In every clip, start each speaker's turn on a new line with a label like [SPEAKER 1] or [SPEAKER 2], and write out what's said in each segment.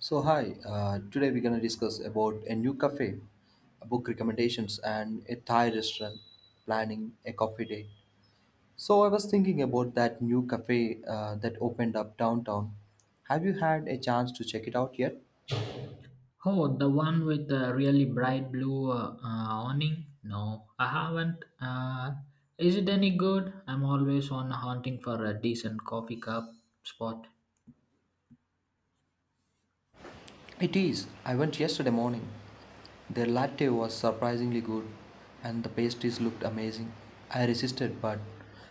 [SPEAKER 1] So hi, today we're gonna discuss about a new cafe, book recommendations, and a Thai restaurant planning a coffee date. So I was thinking about that new cafe that opened up downtown. Have you had a chance to check it out yet?
[SPEAKER 2] Oh, the one with the really bright blue awning? No, I haven't. Is it any good? I'm always on hunting for a decent coffee cup spot.
[SPEAKER 1] It is. I went yesterday morning. Their latte was surprisingly good, and the pastries looked amazing. I resisted, but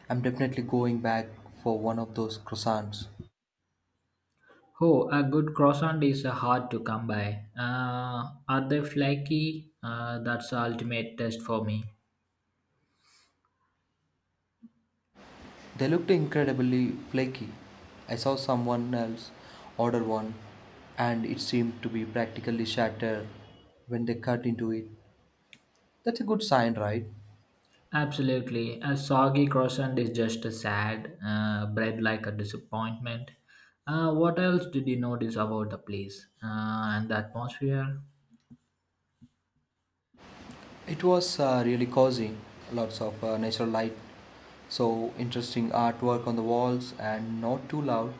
[SPEAKER 1] I'm definitely going back for one of those croissants.
[SPEAKER 2] Oh, a good croissant is hard to come by. Are they flaky? That's the ultimate test for me.
[SPEAKER 1] They looked incredibly flaky. I saw someone else order one, and it seemed to be practically shattered when they cut into it. That's a good sign, right?
[SPEAKER 2] Absolutely. A soggy croissant is just a sad, bread like a disappointment. What else did you notice about the place and the atmosphere?
[SPEAKER 1] It was really cozy, lots of natural light, so interesting artwork on the walls, and not too loud.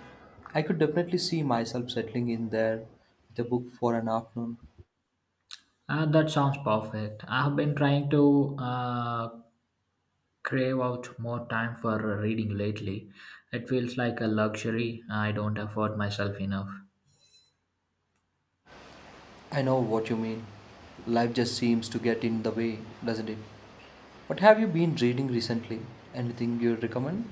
[SPEAKER 1] I could definitely see myself settling in there with a book for an afternoon.
[SPEAKER 2] That sounds perfect. I have been trying to crave out more time for reading lately. It feels like a luxury I don't afford myself enough.
[SPEAKER 1] I know what you mean. Life just seems to get in the way, doesn't it? What have you been reading recently? Anything you recommend?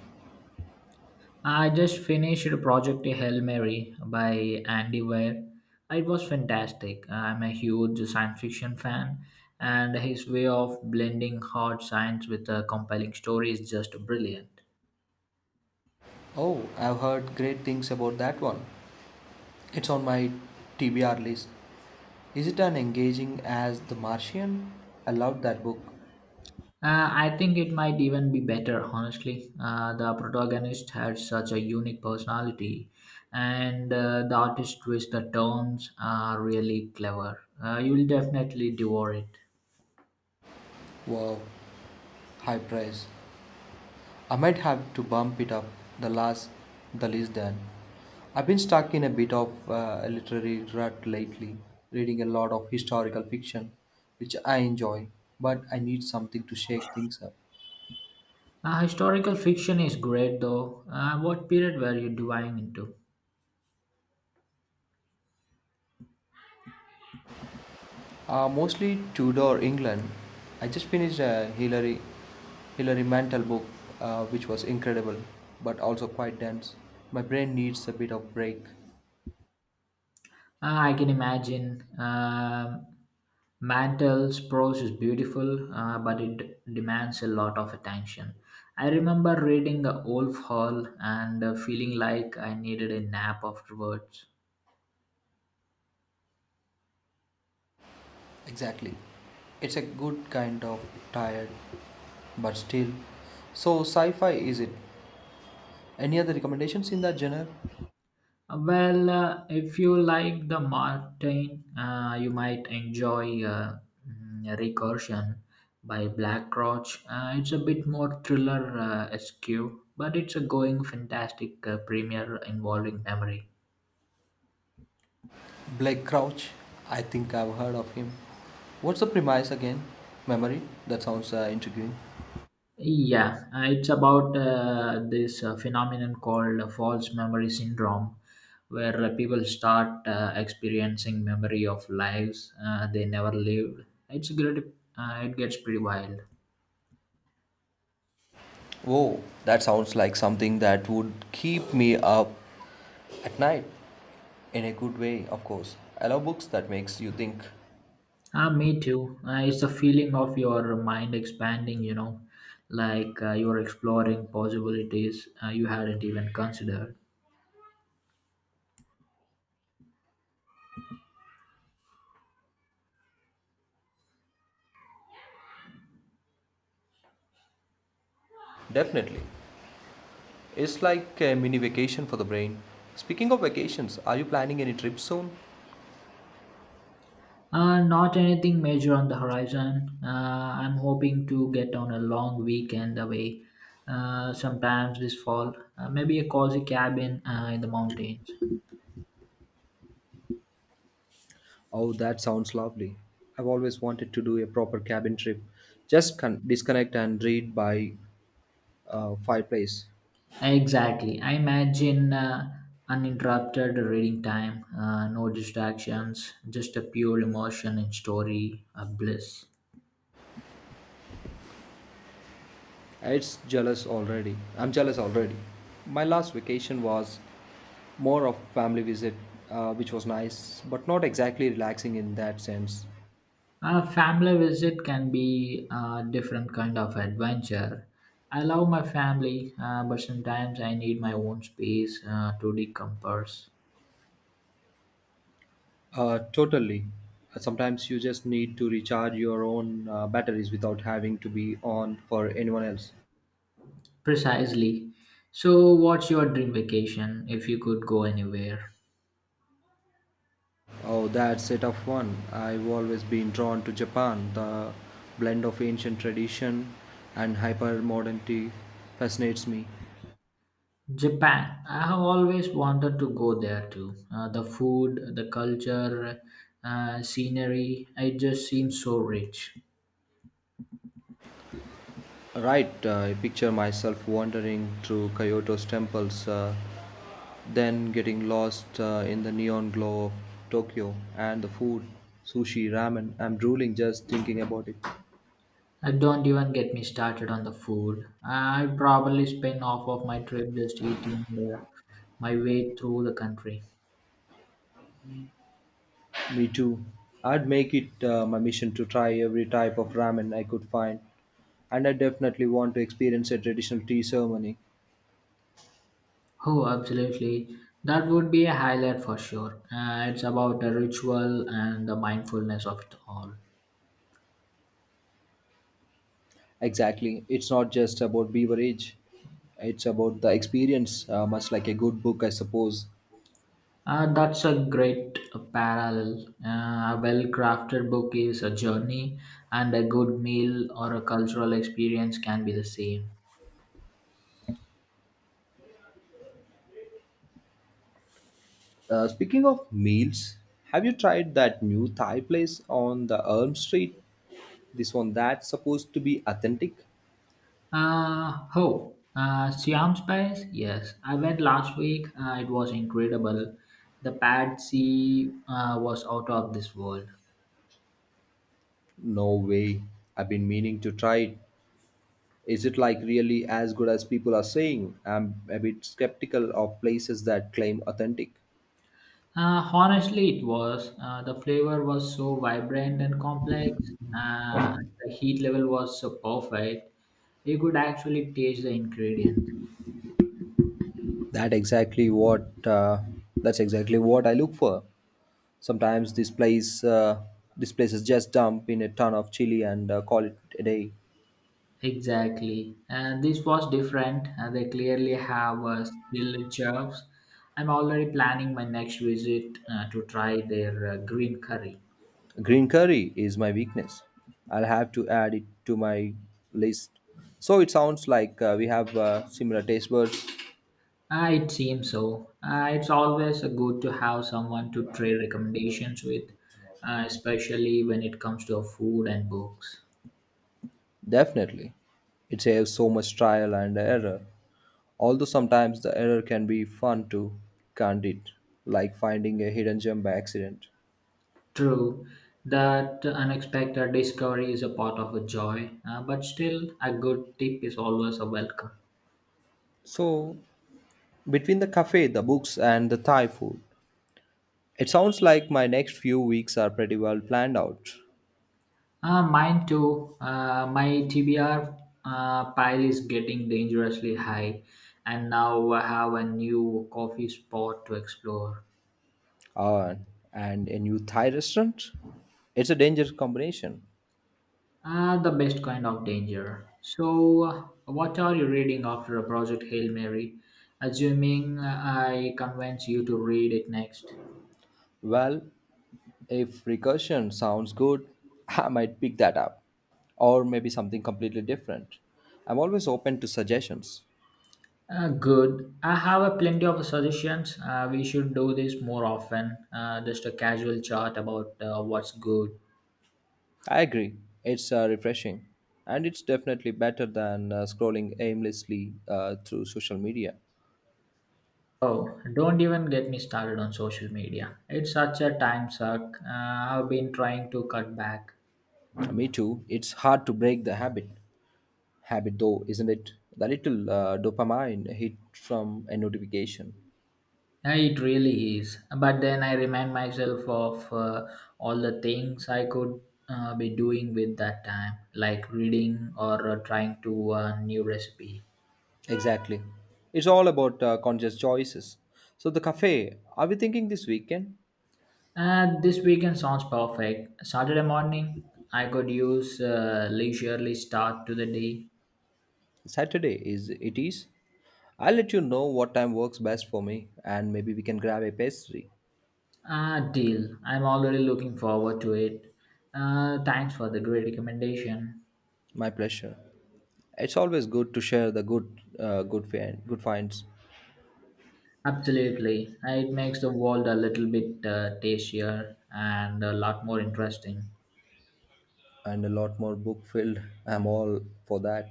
[SPEAKER 2] I just finished Project Hail Mary by Andy Weir. It was fantastic. I'm a huge science fiction fan, and his way of blending hard science with a compelling story is just brilliant.
[SPEAKER 1] Oh, I've heard great things about that one. It's on my TBR list. Is it as engaging as The Martian? I loved that book.
[SPEAKER 2] I think it might even be better, honestly. The protagonist had such a unique personality, and the artist twist the turns are really clever. You'll definitely devour it.
[SPEAKER 1] Wow, high price. I might have to bump it up the last the list then. I've been stuck in a bit of a literary rut lately, reading a lot of historical fiction, which I enjoy, but I need something to shake things up.
[SPEAKER 2] Historical fiction is great, though. What period were you diving into?
[SPEAKER 1] Mostly Tudor England. I just finished a Hilary Mantel book, which was incredible, but also quite dense. My brain needs a bit of break.
[SPEAKER 2] Ah, I can imagine. Mantel's prose is beautiful, but it demands a lot of attention. I remember reading Wolf Hall and feeling like I needed a nap afterwards.
[SPEAKER 1] Exactly. It's a good kind of tired, but still. So, sci fi is it? Any other recommendations in that genre?
[SPEAKER 2] Well, if you like the Martin, you might enjoy Recursion by Blackroach. It's a bit more thriller esque, but it's a going fantastic premiere involving memory.
[SPEAKER 1] Blake Crouch. I think I've heard of him. What's the premise again? Memory? That sounds intriguing.
[SPEAKER 2] Yeah, it's about this phenomenon called false memory syndrome, where people start experiencing memory of lives they never lived. It's great. It gets pretty wild.
[SPEAKER 1] Whoa, that sounds like something that would keep me up at night. In a good way, of course. I love books that makes you think.
[SPEAKER 2] Ah, me too. It's the feeling of your mind expanding. Like you're exploring possibilities you hadn't even considered.
[SPEAKER 1] Definitely. It's like a mini vacation for the brain. Speaking of vacations, are you planning any trips soon?
[SPEAKER 2] Not anything major on the horizon. I'm hoping to get on a long weekend away sometimes this fall. Maybe a cozy cabin in the mountains.
[SPEAKER 1] Oh, that sounds lovely. I've always wanted to do a proper cabin trip. Just disconnect and read by fireplace.
[SPEAKER 2] Exactly. I imagine uninterrupted reading time, no distractions, just a pure emotion and story of bliss.
[SPEAKER 1] It's jealous already. I'm jealous already. My last vacation was more of family visit, which was nice, but not exactly relaxing in that sense.
[SPEAKER 2] A family visit can be a different kind of adventure. I love my family, but sometimes I need my own space to decompress.
[SPEAKER 1] Totally. Sometimes you just need to recharge your own batteries without having to be on for anyone else.
[SPEAKER 2] Precisely. So, what's your dream vacation if you could go anywhere?
[SPEAKER 1] Oh, that's it of one. I've always been drawn to Japan. The blend of ancient tradition and hyper modernity fascinates me.
[SPEAKER 2] Japan. I have always wanted to go there too. The food, the culture, scenery, it just seems so rich.
[SPEAKER 1] Right, I picture myself wandering through Kyoto's temples, then getting lost in the neon glow of Tokyo and the food, sushi, ramen. I'm drooling just thinking about it.
[SPEAKER 2] Don't even get me started on the food. I probably spend half of my trip just eating my way through the country.
[SPEAKER 1] Me too. I'd make it my mission to try every type of ramen I could find. And I definitely want to experience a traditional tea ceremony.
[SPEAKER 2] Oh, absolutely. That would be a highlight for sure. It's about the ritual and the mindfulness of it all.
[SPEAKER 1] Exactly. It's not just about beverage, it's about the experience, much like a good book, I suppose.
[SPEAKER 2] That's a great parallel. A well crafted book is a journey, and a good meal or a cultural experience can be the same.
[SPEAKER 1] Speaking of meals, have you tried that new Thai place on the Elm Street? This one that's supposed to be authentic?
[SPEAKER 2] Oh, Siam Spice? Yes, I went last week. It was incredible. The Pad C was out of this world.
[SPEAKER 1] No way. I've been meaning to try it. Is it like really as good as people are saying? I'm a bit skeptical of places that claim authentic.
[SPEAKER 2] Honestly, it was. The flavor was so vibrant and complex. Uh, the heat level was so perfect. You could actually taste the ingredients.
[SPEAKER 1] That exactly what uh, that's exactly what I look for. Sometimes this place is just dump in a ton of chili and call it a day.
[SPEAKER 2] Exactly. And this was different. They clearly have skill jobs. I'm already planning my next visit to try their green curry.
[SPEAKER 1] Green curry is my weakness. I'll have to add it to my list. So it sounds like we have similar taste buds.
[SPEAKER 2] It seems so. It's always good to have someone to trade recommendations with, especially when it comes to food and books.
[SPEAKER 1] Definitely. It saves so much trial and error. Although sometimes the error can be fun too, can't it? Like finding a hidden gem by accident.
[SPEAKER 2] True, that unexpected discovery is a part of a joy, but still, a good tip is always a welcome.
[SPEAKER 1] So, between the cafe, the books, and the Thai food, it sounds like my next few weeks are pretty well planned out.
[SPEAKER 2] Mine too. My TBR pile is getting dangerously high, and now I have a new coffee spot to explore.
[SPEAKER 1] Uh, and a new Thai restaurant? It's a dangerous combination.
[SPEAKER 2] The best kind of danger. So, what are you reading after a Project Hail Mary? Assuming I convince you to read it next.
[SPEAKER 1] Well, if recursion sounds good, I might pick that up. Or maybe something completely different. I'm always open to suggestions.
[SPEAKER 2] Good. I have a plenty of suggestions. We should do this more often. Just a casual chat about what's good.
[SPEAKER 1] I agree, it's refreshing. And it's definitely better than scrolling aimlessly through social media.
[SPEAKER 2] Oh, don't even get me started on social media. It's such a time suck. I've been trying to cut back.
[SPEAKER 1] Me too, it's hard to break the habit. Habit though, isn't it? The little dopamine hit from a notification.
[SPEAKER 2] It really is. But then I remind myself of all the things I could be doing with that time, like reading or trying to new recipe.
[SPEAKER 1] Exactly. It's all about conscious choices. So, the cafe, are we thinking this weekend?
[SPEAKER 2] This weekend sounds perfect. Saturday morning, I could use leisurely start to the day.
[SPEAKER 1] Saturday is it is. I'll let you know what time works best for me and maybe we can grab a pastry.
[SPEAKER 2] Ah, deal. I'm already looking forward to it. Thanks for the great recommendation.
[SPEAKER 1] My pleasure. It's always good to share the good finds
[SPEAKER 2] Absolutely. It makes the world a little bit tastier and a lot more interesting.
[SPEAKER 1] and a lot more book filled. I'm all for that.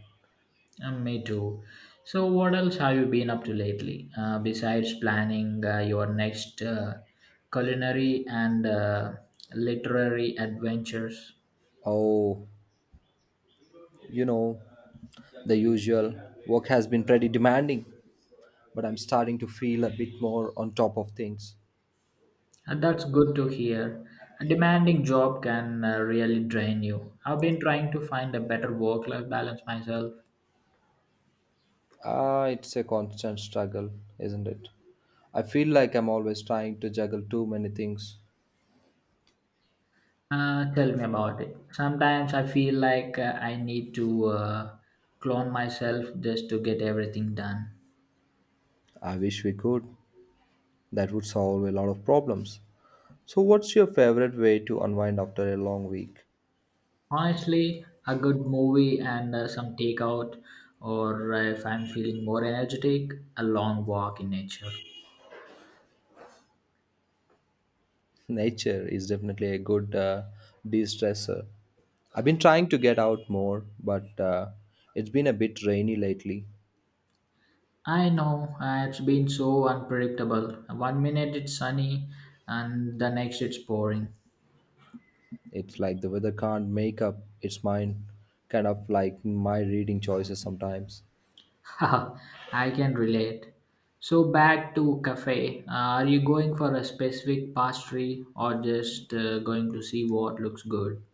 [SPEAKER 2] And me too. So, what else have you been up to lately? Besides planning your next culinary and literary adventures?
[SPEAKER 1] Oh, you know, the usual work has been pretty demanding, but I'm starting to feel a bit more on top of things.
[SPEAKER 2] And that's good to hear. A demanding job can really drain you. I've been trying to find a better work life balance myself.
[SPEAKER 1] Ah, it's a constant struggle, isn't it? I feel like I'm always trying to juggle too many things.
[SPEAKER 2] Tell me about it. Sometimes I feel like I need to clone myself just to get everything done.
[SPEAKER 1] I wish we could. That would solve a lot of problems. So, what's your favorite way to unwind after a long week?
[SPEAKER 2] Honestly, a good movie and some takeout, or if I'm feeling more energetic, a long walk in nature.
[SPEAKER 1] Nature is definitely a good de stressor. I've been trying to get out more, but it's been a bit rainy lately.
[SPEAKER 2] I know it's been so unpredictable. One minute it's sunny, and the next it's pouring.
[SPEAKER 1] It's like the weather can't make up its mind, kind of like my reading choices sometimes.
[SPEAKER 2] Haha, I can relate. So back to cafe. Are you going for a specific pastry or just going to see what looks good?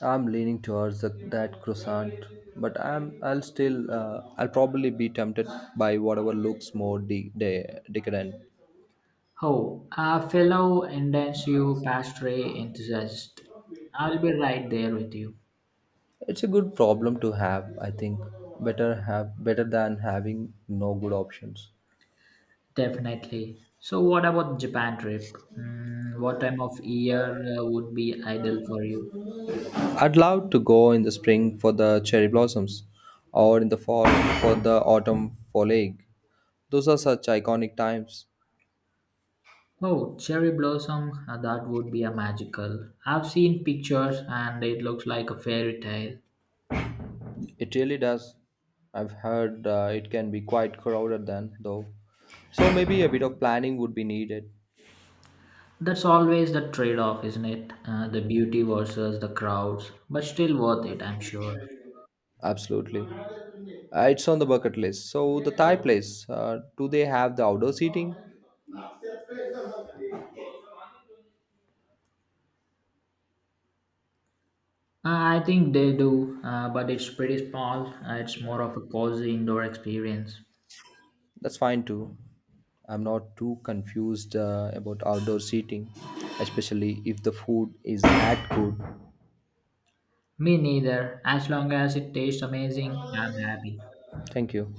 [SPEAKER 1] I'm leaning towards that croissant, but I'll still I'll probably be tempted by whatever looks more decadent.
[SPEAKER 2] Oh, a fellow intensive pastry enthusiast. I'll be right there with you.
[SPEAKER 1] It's a good problem to have, I think. Better than having no good options.
[SPEAKER 2] Definitely. So what about Japan trip? What time of year would be ideal for you?
[SPEAKER 1] I'd love to go in the spring for the cherry blossoms or in the fall for the autumn foliage. Those are such iconic times.
[SPEAKER 2] Oh, cherry blossom, that would be a magical. I've seen pictures and it looks like a fairy tale.
[SPEAKER 1] It really does. I've heard it can be quite crowded then, though. So maybe a bit of planning would be needed.
[SPEAKER 2] That's always the trade off, isn't it? The beauty versus the crowds, but still worth it, I'm sure.
[SPEAKER 1] Absolutely. It's on the bucket list. So the Thai place, do they have the outdoor seating?
[SPEAKER 2] I think they do, but it's pretty small. It's more of a cozy indoor experience.
[SPEAKER 1] That's fine too. I'm not too confused about outdoor seating, especially if the food is that good.
[SPEAKER 2] Me neither. As long as it tastes amazing, I'm happy.
[SPEAKER 1] Thank you.